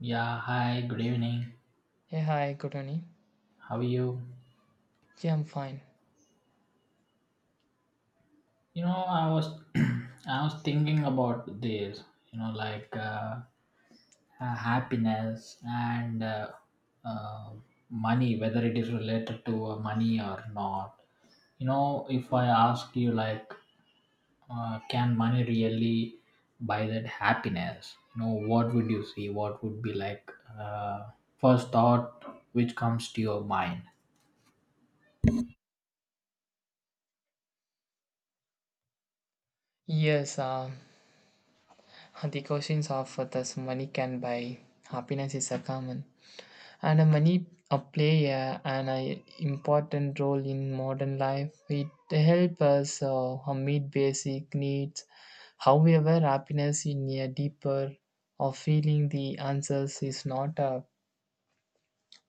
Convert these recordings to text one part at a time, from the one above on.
Yeah, hi, good evening. Hey, hi, good morning. How are you? Yeah, I'm fine. You know, I was I was thinking about this, you know, like happiness and uh, money, whether it is related to money or not. You know, if I ask you, like, can money really buy that happiness? You know, what would you see? What would be like uh, first thought which comes to your mind? Yes, uh, the questions of this money can buy happiness is a common, and money play an important role in modern life. It helps us meet basic needs. However, happiness in a deeper or feeling the answers is not a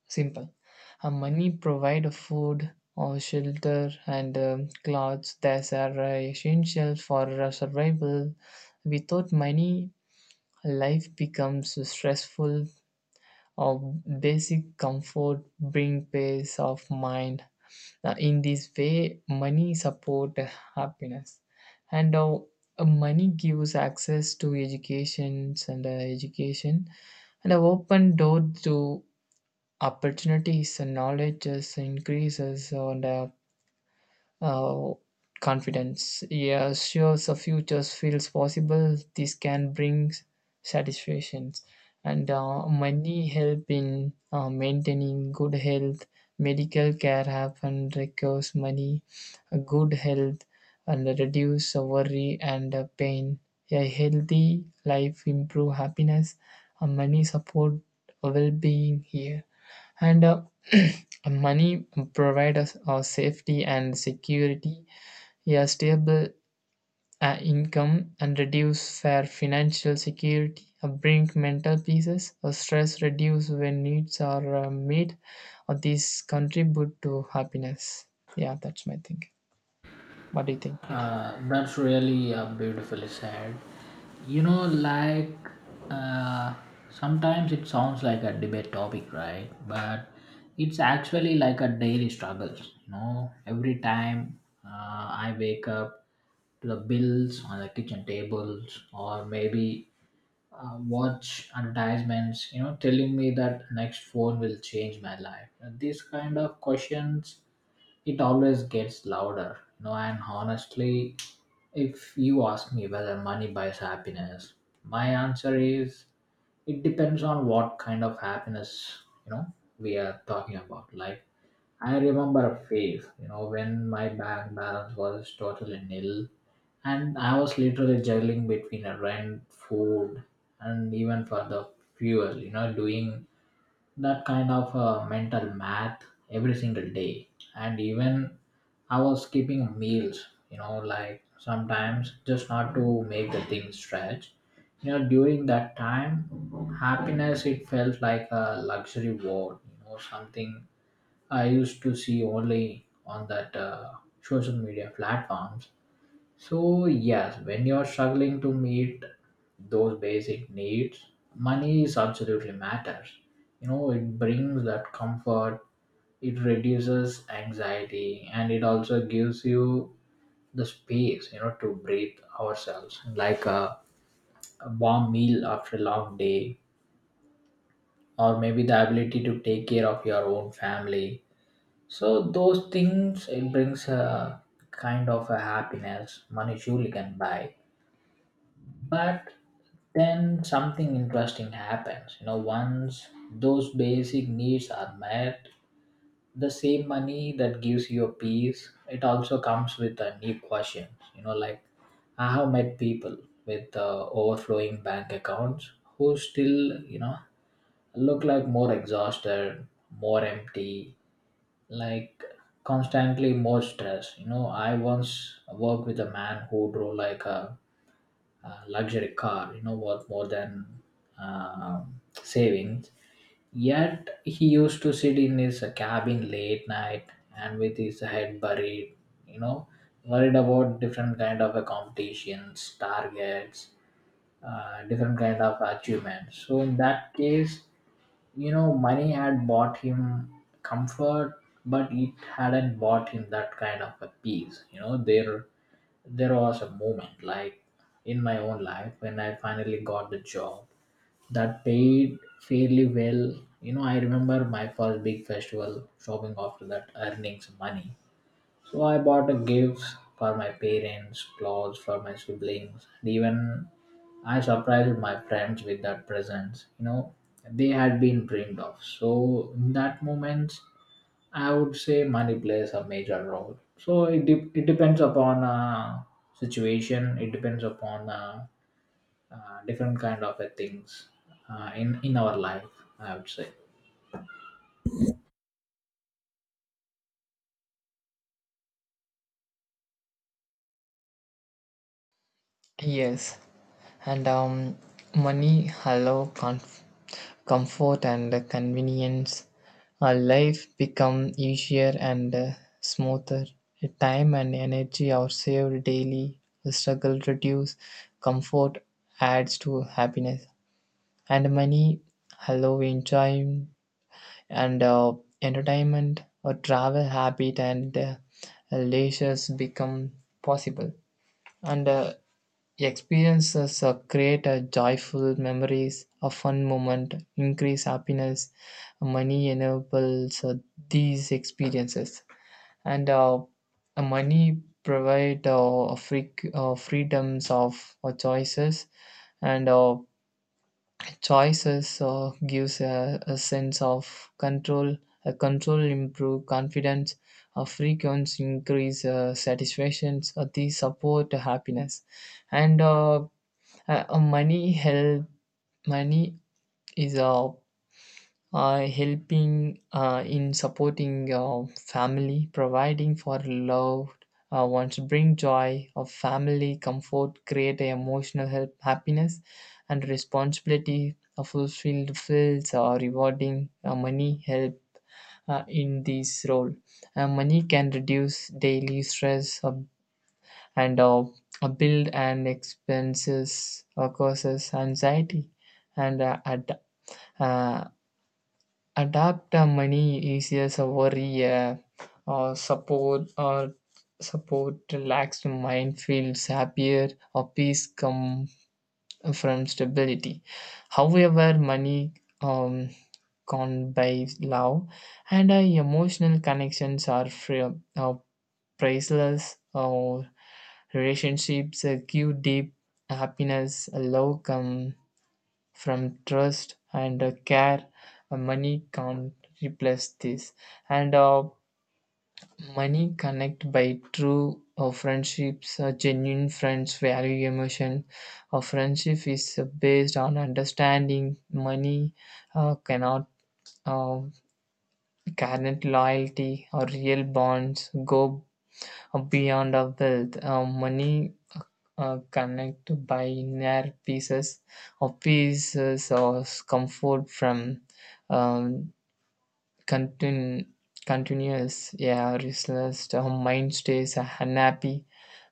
simple. Money provide food or shelter and clothes that are essential for our survival. Without money, life becomes stressful. Or basic comfort bring peace of mind. In this way, money support happiness, and money gives access to educations and education and a open door to opportunities, and knowledge is increases on the uh, confidence, yeah, assures a future feels possible. This can bring satisfactions, and money help in maintaining good health. Medical care happen requires money, a good health, and reduce worry and pain. A healthy life improve happiness, and money support well-being here. And Money provide us safety and security. A stable income and reduce for financial security bring mental peace. Stress reduce when needs are met. These contribute to happiness. Yeah, that's my thing. What do you think? That's really beautifully said. You know, like uh, sometimes it sounds like a debate topic, right? But it's actually like a daily struggles. You know, every time uh, I wake up to the bills on the kitchen tables, or maybe watch advertisements, you know, telling me that next phone will change my life. And these kind of questions, it always gets louder, you know. And honestly, if you ask me whether money buys happiness, my answer is it depends on what kind of happiness, you know, we are talking about. Like I remember a phase, you know, when my bank balance was totally nil and I was literally juggling between a rent, food, and even for the fuel, you know, doing that kind of mental math every single day. And even I was skipping meals, you know, like sometimes just not to make the thing stretch. You know, during that time, happiness it felt like a luxury word, you know, something I used to see only on that social media platforms. So yes, when you're struggling to meet those basic needs, money is absolutely matters. You know, it brings that comfort, it reduces anxiety, and it also gives you the space, you know, to breathe ourselves, like a warm meal after a long day, or maybe the ability to take care of your own family, so those things it brings a kind of a happiness money surely can buy. But then something interesting happens. You know, once those basic needs are met, the same money that gives you a peace, it also comes with a new question. You know, like I have met people with overflowing bank accounts who still, you know, look like more exhausted, more empty, like constantly more stress. You know, I once worked with a man who drove like a luxury car, you know, worth more than savings, yet he used to sit in his cabin late night and with his head buried, you know, worried about different kind of a competitions targets, different kind of achievements. So in that case, you know, money had bought him comfort, but it hadn't bought him that kind of a peace. You know, there was a moment like in my own life when I finally got the job that paid fairly well. You know, I remember my first big festival shopping after that earnings money, so I bought a gifts for my parents, clothes for my siblings, and even I surprised my friends with that presents. You know, they had been dreamed of. So in that moment, I would say money plays a major role. So it depends upon situation. It depends upon different kind of things in our life. I would say. Yes, and money hello comfort and convenience. Our life become easier and smoother. The time and energy are saved daily. The struggle reduce. Comfort adds to happiness. And money, hello enjoyment and entertainment, or travel habit, and leisures become possible. And Experiences create a joyful memories, a fun moment, increase happiness. Money enables these experiences, and money provide freedoms of choices, and choices gives a sense of control. A control improve confidence. A frequency increase satisfactions. These support happiness, and money help. Money is helping in supporting family, providing for loved ones, bring joy of family, comfort, create a emotional help, happiness, and responsibility. A fulfilled feels rewarding. Money help in this role. Money can reduce daily stress, and a build and expenses causes anxiety and uh, adapt money easier, just worry, or support, or support relaxed mind feels happier, or peace come from stability. However, money um, can't buy love, and emotional connections are free, uh, priceless. Relationships give deep happiness. Love come from trust and care. Money can't replace this, and money connect by true friendships. Genuine friends value emotion. A friendship is based on understanding. Money uh, cannot uh, cannot loyalty or real bonds go beyond of wealth. Money connect by inner pieces of pieces or comfort from um, continu- continuous, yeah, restless. Her mind stays unhappy.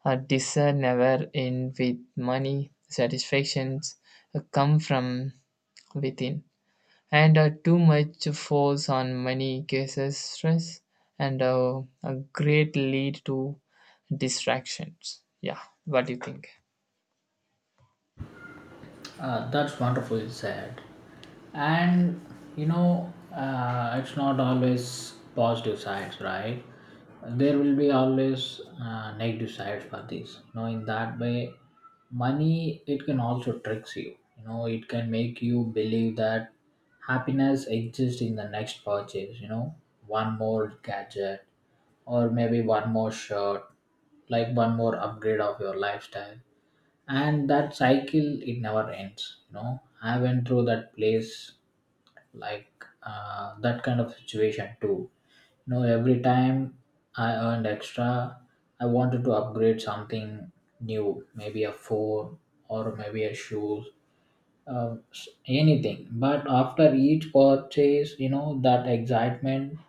Her desire never ends with money. Satisfactions come from within. And too much force on money causes stress and a great lead to distractions. Yeah, what do you think? That's wonderfully said. And you know, it's not always positive sides, right? There will be always negative sides for this. You know, in that way, money it can also tricks you. You know, it can make you believe that happiness exists in the next purchase. You know, one more gadget or maybe one more shirt, like one more upgrade of your lifestyle, and that cycle it never ends. You know, I went through that place, like that kind of situation too. You know, every time I earned extra, I wanted to upgrade something new, maybe a phone or maybe a shoes, anything. But after each purchase, you know, that excitement,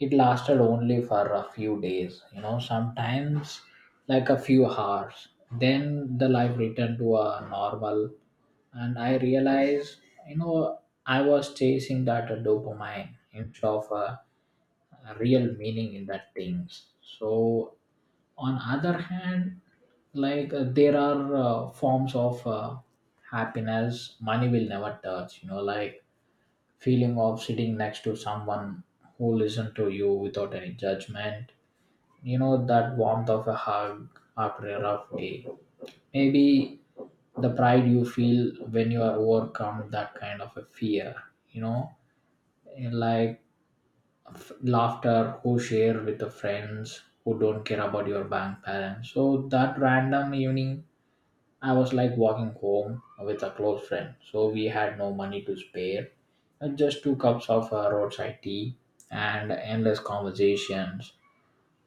it lasted only for a few days, you know, sometimes like a few hours. Then the life returned to a normal, and I realized, you know, I was chasing that dopamine instead of a real meaning in that things. So on other hand, like there are forms of happiness money will never touch. You know, like feeling of sitting next to someone who listen to you without any judgment, you know, that warmth of a hug after a rough day, maybe the pride you feel when you are overcome that kind of a fear, you know, and like laughter who share with the friends who don't care about your bank balance. So that random evening I was like walking home with a close friend, so we had no money to spare, just two cups of roadside tea and endless conversations.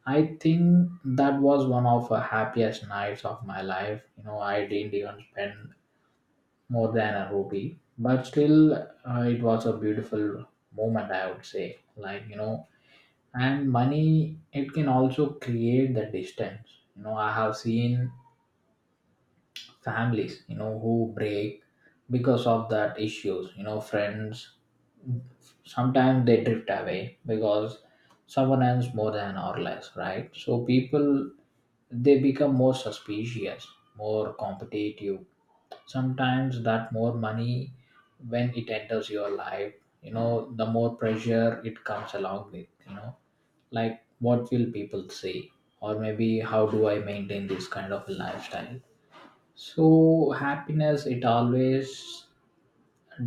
I think that was one of the happiest nights of my life. You know, I didn't even spend more than a rupee, but still, it was a beautiful moment, I would say. Like, you know, and money, it can also create the distance. You know, I have seen families, you know, who break because of that issues. You know, friends sometimes they drift away because someone earns more than or less, right? So people, they become more suspicious, more competitive. Sometimes that more money, when it enters your life, you know, the more pressure it comes along with. You know, like what will people say, or maybe how do I maintain this kind of a lifestyle. So happiness it always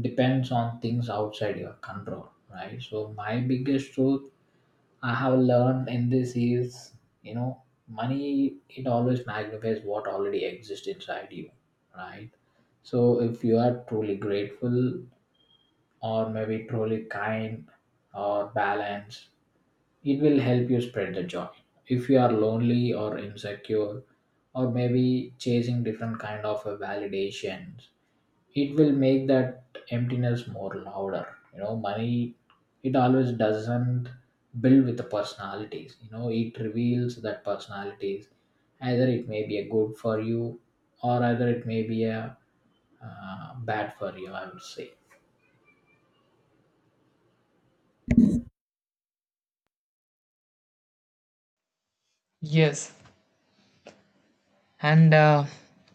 depends on things outside your control, right? So my biggest truth I have learned in this is, you know, money it always magnifies what already exists inside you, right? So if you are truly grateful or maybe truly kind or balanced, it will help you spread the joy. If you are lonely or insecure or maybe chasing different kind of a validations, it will make that emptiness more louder. You know, money it always doesn't build with the personalities. You know, it reveals that personalities, either it may be a good for you or either it may be a bad for you, I would say. Yes, and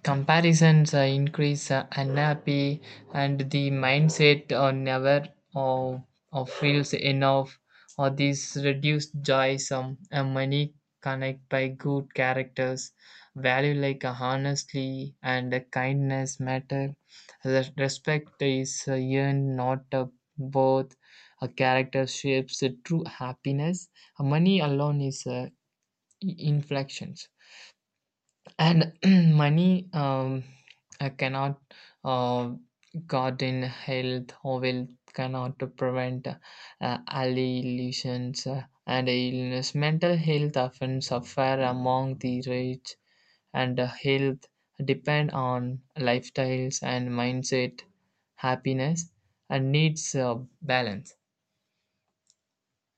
comparisons increase unhappy, and the mindset never or, or feels enough, or these reduced joy some, and money connect by good characters value, like honestly and kindness matter. Respect is earned, not both. A character shapes true happiness. Money alone is inflections. And money cannot uh, guard in health or wealth, cannot to prevent allegations and illness. Mental health often suffer among the rich, and health depend on lifestyles and mindset. Happiness and needs balance.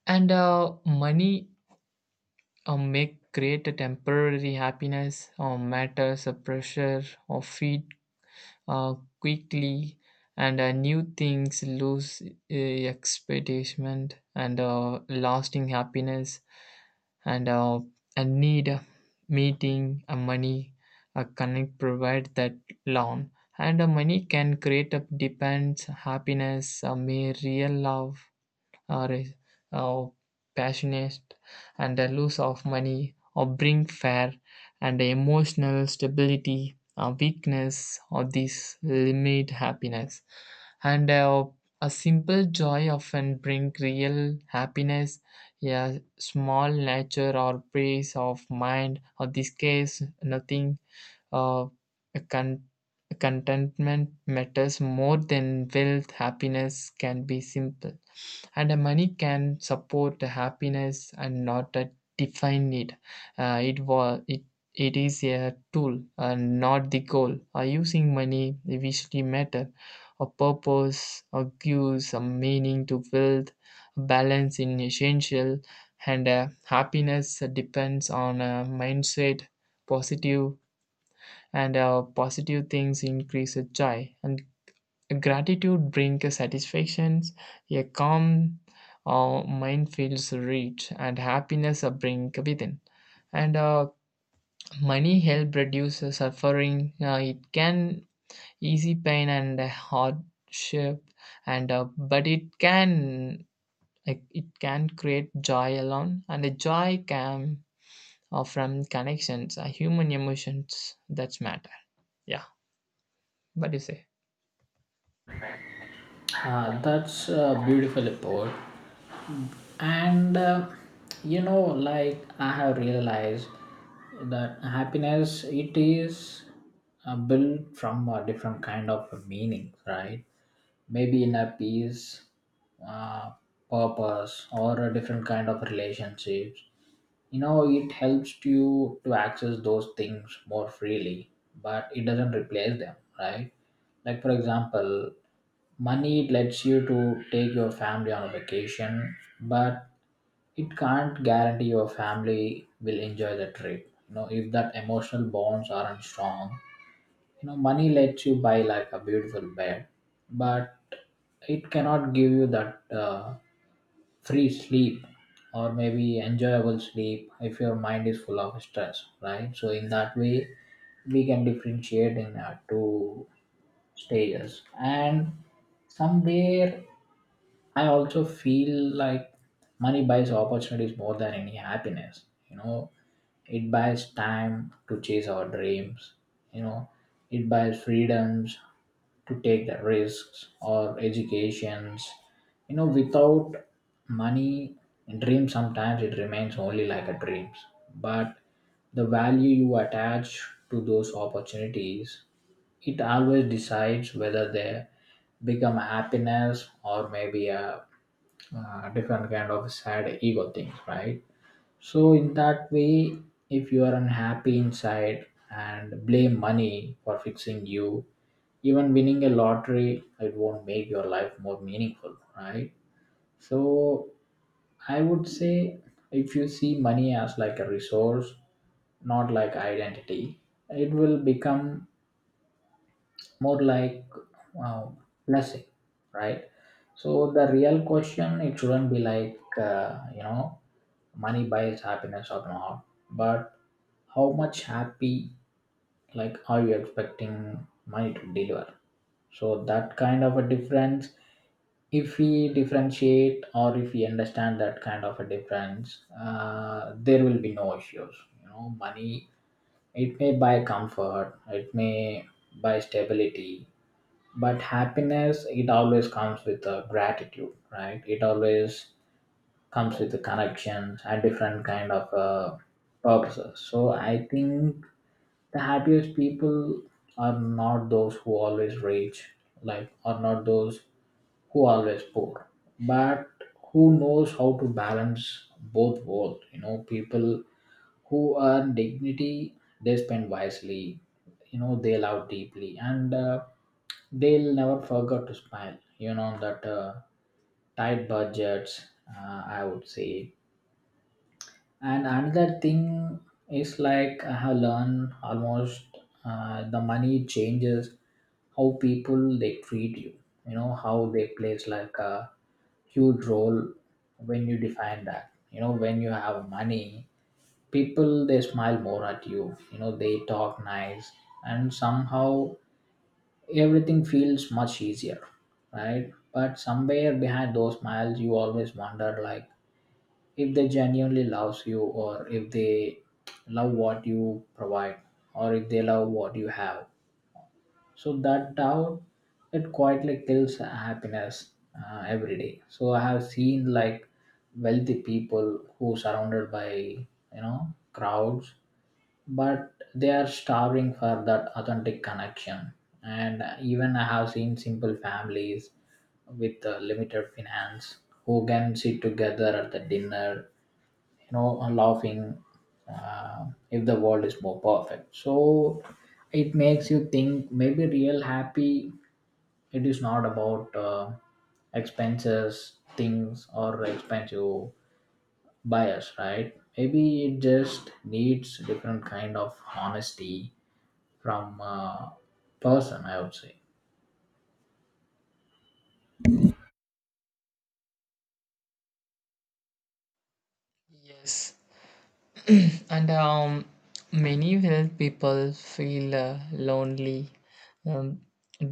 And money may create a temporary happiness, or matters a pressure or feed uh, quickly, and new things lose expectation and lasting happiness. And a need, a meeting, a money, a connect provide that loan. And a money can create a depends happiness, a mere real love, or, is- or passionate. And the loss of money or bring fear and emotional stability or weakness, or this limit happiness. And a simple joy often bring real happiness. A small nature or peace of mind or this case nothing. uh, a con- Contentment matters more than wealth. Happiness can be simple, and the money can support the happiness and not define it. It was it It is a tool and not the goal. Using money visually matter. A purpose, a gives a meaning to build balance in essential. And happiness depends on mindset. Positive and positive things increase joy, and gratitude brings satisfactions. A calm mind feels rich, and happiness brings within. And money help reduce suffering. It can easy pain and hardship, and but it can, like, it can create joy alone, and the joy can from connections, human emotions that matter. Yeah, what do you say? That's a beautiful report. And you know, like I have realized that happiness it is built from a different kind of meaning, right? Maybe in a peace, uh, purpose, or a different kind of relationships. You know, it helps you to access those things more freely, but it doesn't replace them, right? Like, for example, money it lets you to take your family on a vacation, but it can't guarantee your family will enjoy the trip. You know, if that emotional bonds aren't strong, you know money lets you buy like a beautiful bed, but it cannot give you that free sleep or maybe enjoyable sleep if your mind is full of stress, right? So in that way, we can differentiate in our two stages. And somewhere I also feel like money buys opportunities more than any happiness. You know, it buys time to chase our dreams. You know, it buys freedoms to take the risks or educations. You know, without money, dreams sometimes it remains only like a dreams. But the value you attach to those opportunities, it always decides whether they become happiness or maybe a different kind of sad ego things, right? So in that way, if you are unhappy inside and blame money for fixing you, even winning a lottery, it won't make your life more meaningful, right? So I would say if you see money as like a resource, not like identity, it will become more like uh, blessing, right? So the real question, it shouldn't be like money buys happiness or not, but how much happy like are you expecting money to deliver. So that kind of a difference, if we differentiate or if we understand that kind of a difference, there will be no issues. You know, money, it may buy comfort, it may buy stability, but happiness, it always comes with a gratitude, right? It always comes with the connections and different kind of purposes. So I think the happiest people are not those who always rich, like are not those who always poor, but who knows how to balance both world. You know, people who earn dignity, they spend wisely, you know, they love deeply, and they'll never forget to smile. You know that tight budgets, I would say. And another thing is like I have learned almost the money changes how people they treat you. You know how they plays like a huge role when you define that. You know, when you have money, people they smile more at you, you know, they talk nice and somehow everything feels much easier, right? But somewhere behind those smiles you always wonder like if they genuinely loves you, or if they love what you provide, or if they love what you have. So that doubt, it quietly kills happiness every day. So I have seen like wealthy people who surrounded by, you know, crowds, but they are starving for that authentic connection. And even I have seen simple families with limited finance, who can sit together at the dinner, you know, laughing, uh, if the world is more perfect. So it makes you think maybe real happy, it is not about expenses things or expensive bias, right? Maybe it just needs different kind of honesty from person, I would say. Yes, and many health people feel lonely um,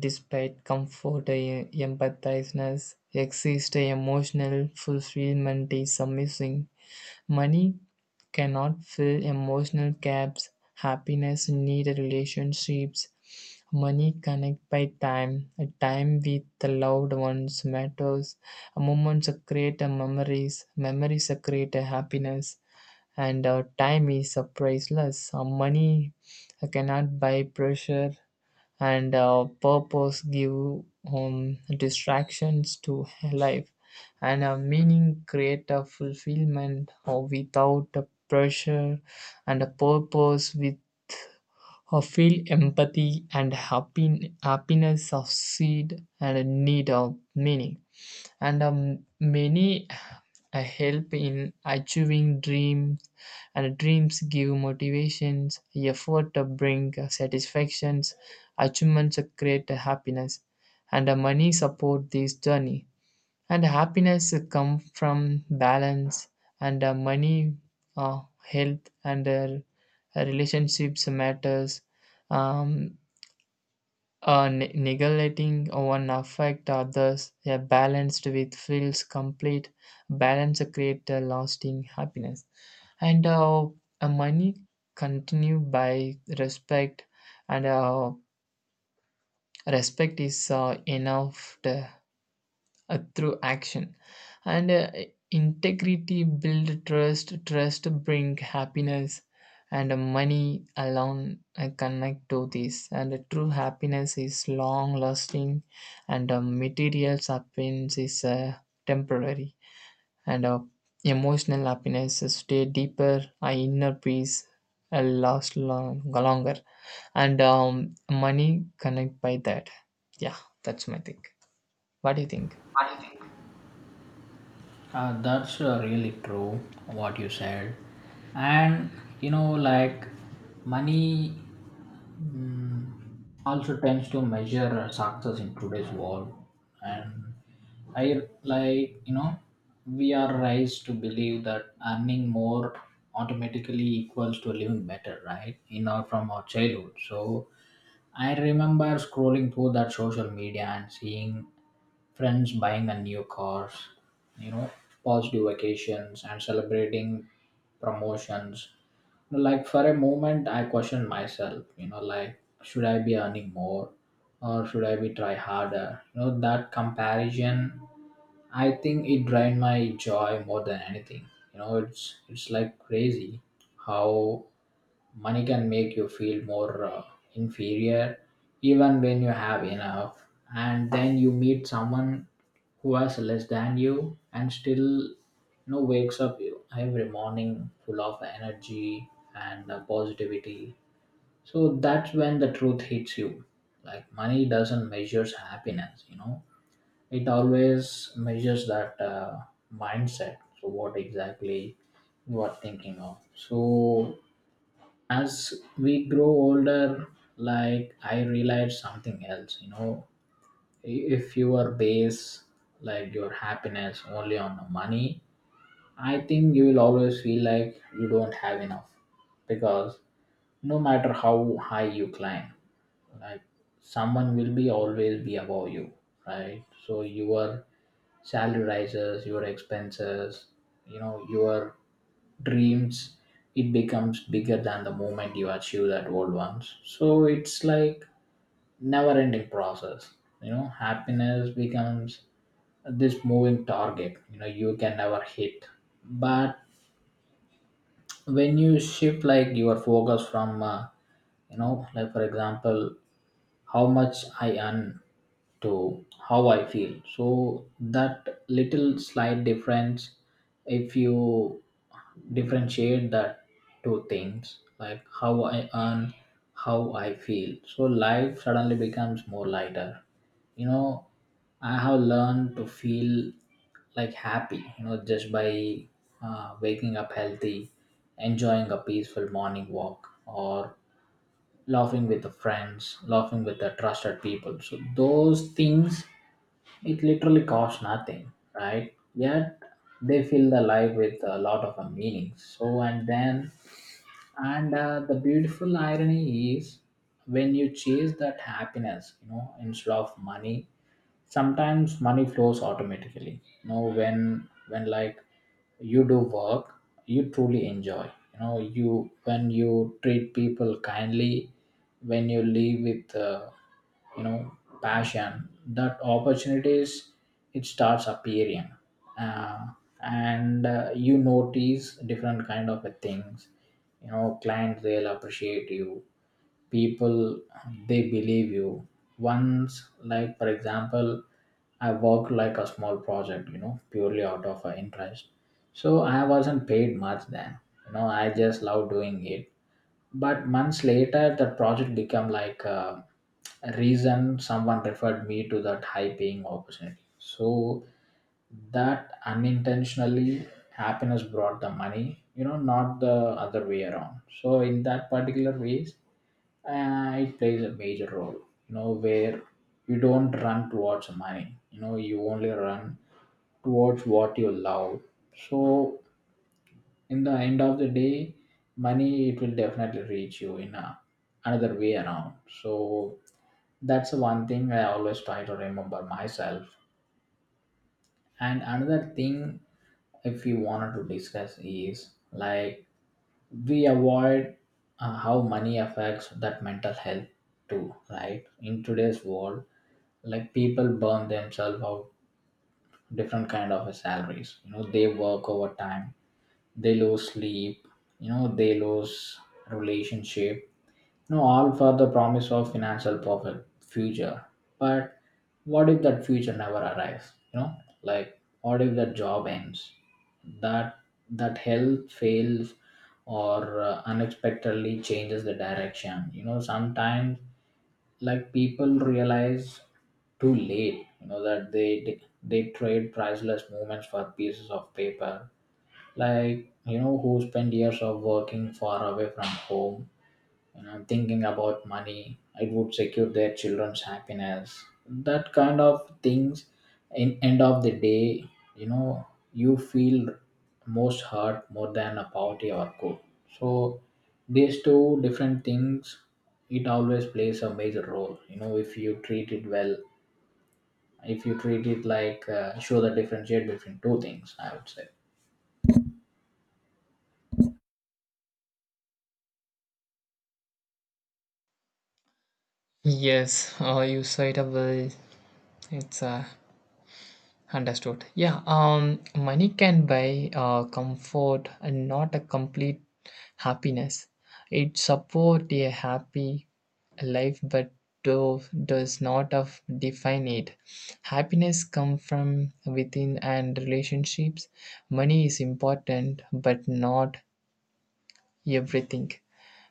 despite comfort. Empathizeness exists, emotional fulfillment is missing. Money cannot fill emotional gaps. Happiness need relationships. Money connect by time. A time with the loved ones matters. Moments create memories. Memories create happiness, and time is priceless. Money cannot buy pressure, and purpose give distractions to life, and meaning create a fulfillment without a pressure, and a purpose with feel empathy and happy, happiness of seed and a need of meaning. And many help in achieving dreams, and dreams give motivations effort to bring satisfactions. Achievements create happiness, and money support this journey, and happiness come from balance. And money, health, and relationships matters. um, Neglecting one affect others. A balanced with feels complete. Balance create a lasting happiness. And money continue by respect, and respect is enough to through action, and integrity build trust. Trust bring happiness, and money alone connect to this. And true happiness is long lasting, and material happiness is temporary. And emotional happiness is stay deeper. Inner peace last long, longer, and money connect by that. Yeah, that's my thing. What do you think? That's really true what you said. And you know, like money, mm, also tends to measure success in today's world. And I like, you know, we are raised to believe that earning more automatically equals to living better, right? In our from our childhood. So I remember scrolling through that social media and seeing friends buying a new cars, you know, positive vacations and celebrating promotions. Like for a moment, I questioned myself, you know, like should I be earning more or should I be try harder? You know, that comparison, I think it drained my joy more than anything. You know, it's like crazy how money can make you feel more inferior even when you have enough. And then you meet someone who has less than you and still you know wakes up every morning full of energy and positivity. So that's when the truth hits you, like money doesn't measures happiness, you know, it always measures that mindset. So what exactly you are thinking of? So as we grow older, like I realized something else, you know, if you are base like your happiness only on the money, I think you will always feel like you don't have enough, because no matter how high you climb, like someone will be always be above you, right? So your salary rises, your expenses, you know, your dreams, it becomes bigger than the moment you achieve that old ones. So it's like never ending process. You know, happiness becomes this moving target, you know, you can never hit. But when you shift like your focus from like for example, how much I earn to how I feel, so that little slight difference, if you differentiate that two things, like how I earn, how I feel, so life suddenly becomes more lighter, you know. I have learned to feel like happy, you know, just by waking up healthy, enjoying a peaceful morning walk, or laughing with the friends, laughing with the trusted people. So those things, it literally costs nothing, right? Yet they fill the life with a lot of meaning. So and then, and the beautiful irony is when you chase that happiness, you know, instead of money, sometimes money flows automatically. You know, when like you do work you truly enjoy, you know you, when you treat people kindly, when you live with you know passion, that opportunities, it starts appearing, uh, and you notice different kind of things. You know, clients they'll appreciate you, people they believe you. Once, like for example, I worked like a small project, you know, purely out of interest, so I wasn't paid much then, you know, I just love doing it, but months later the project became like a reason someone referred me to that high paying opportunity. So that unintentionally happiness brought the money, you know, not the other way around. So in that particular ways, it plays a major role, you know, where you don't run towards money, you know, you only run towards what you love. So in the end of the day, money, it will definitely reach you in a, another way around. So that's the one thing I always try to remember myself. And another thing, if you wanted to discuss is like, we avoid how money affects that mental health too, right? In today's world, like people burn themselves out, different kind of salaries, you know, they work overtime, they lose sleep, you know, they lose relationship. No, all for the promise of financial profit, future. But what if that future never arrives? You know, like what if that job ends, that that health fails, or unexpectedly changes the direction? You know, sometimes like people realize too late. You know that they trade priceless moments for pieces of paper. Like you know who spend years of working far away from home, you know, thinking about money, it would secure their children's happiness. That kind of things, in end of the day, you know, you feel most hurt more than a poverty or good. So these two different things, it always plays a major role. You know, if you treat it well, if you treat it like show the differentiate between two things, I would say. Yes, you said it well. It's understood. Yeah, money can buy comfort and not a complete happiness. It support a happy life, but does not of define it. Happiness come from within and relationships. Money is important, but not everything.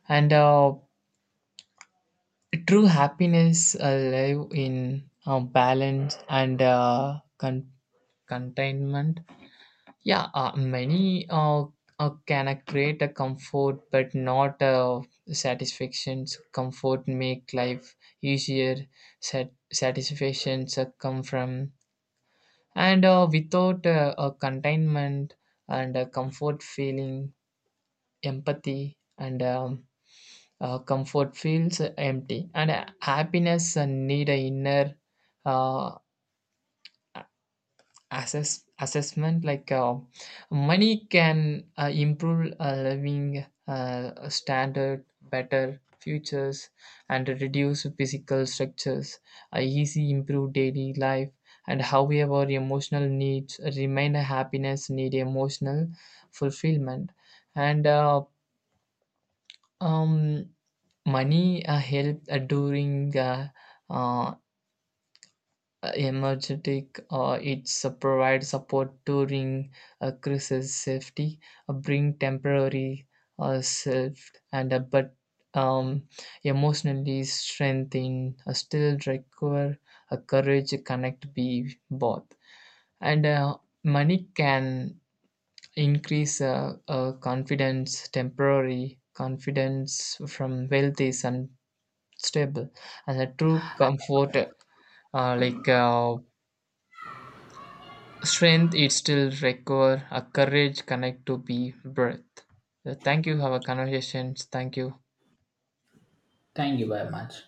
And true happiness live in balance and containment. Yeah, many can create a comfort, but not satisfactions. Comfort make life easier. Satisfactions come from, and without a containment and a comfort feeling, empathy and comfort feels empty, and happiness need a inner uh, assessment. Like, money can improve a living standard, better futures, and reduce physical structures. Easy improve daily life, and however emotional needs remain. A happiness need emotional fulfillment. And uh, um, money help during uh, emergentic, or it's provide support during a crisis. Safety bring temporary self, and but um, emotionally strengthen still require a courage connect be both. And money can increase confidence, temporary confidence from wealthy and stable. And a true comfort, like, strength, it still require a courage connect to be breath. Thank you, have a conversations. Thank you. Thank you very much.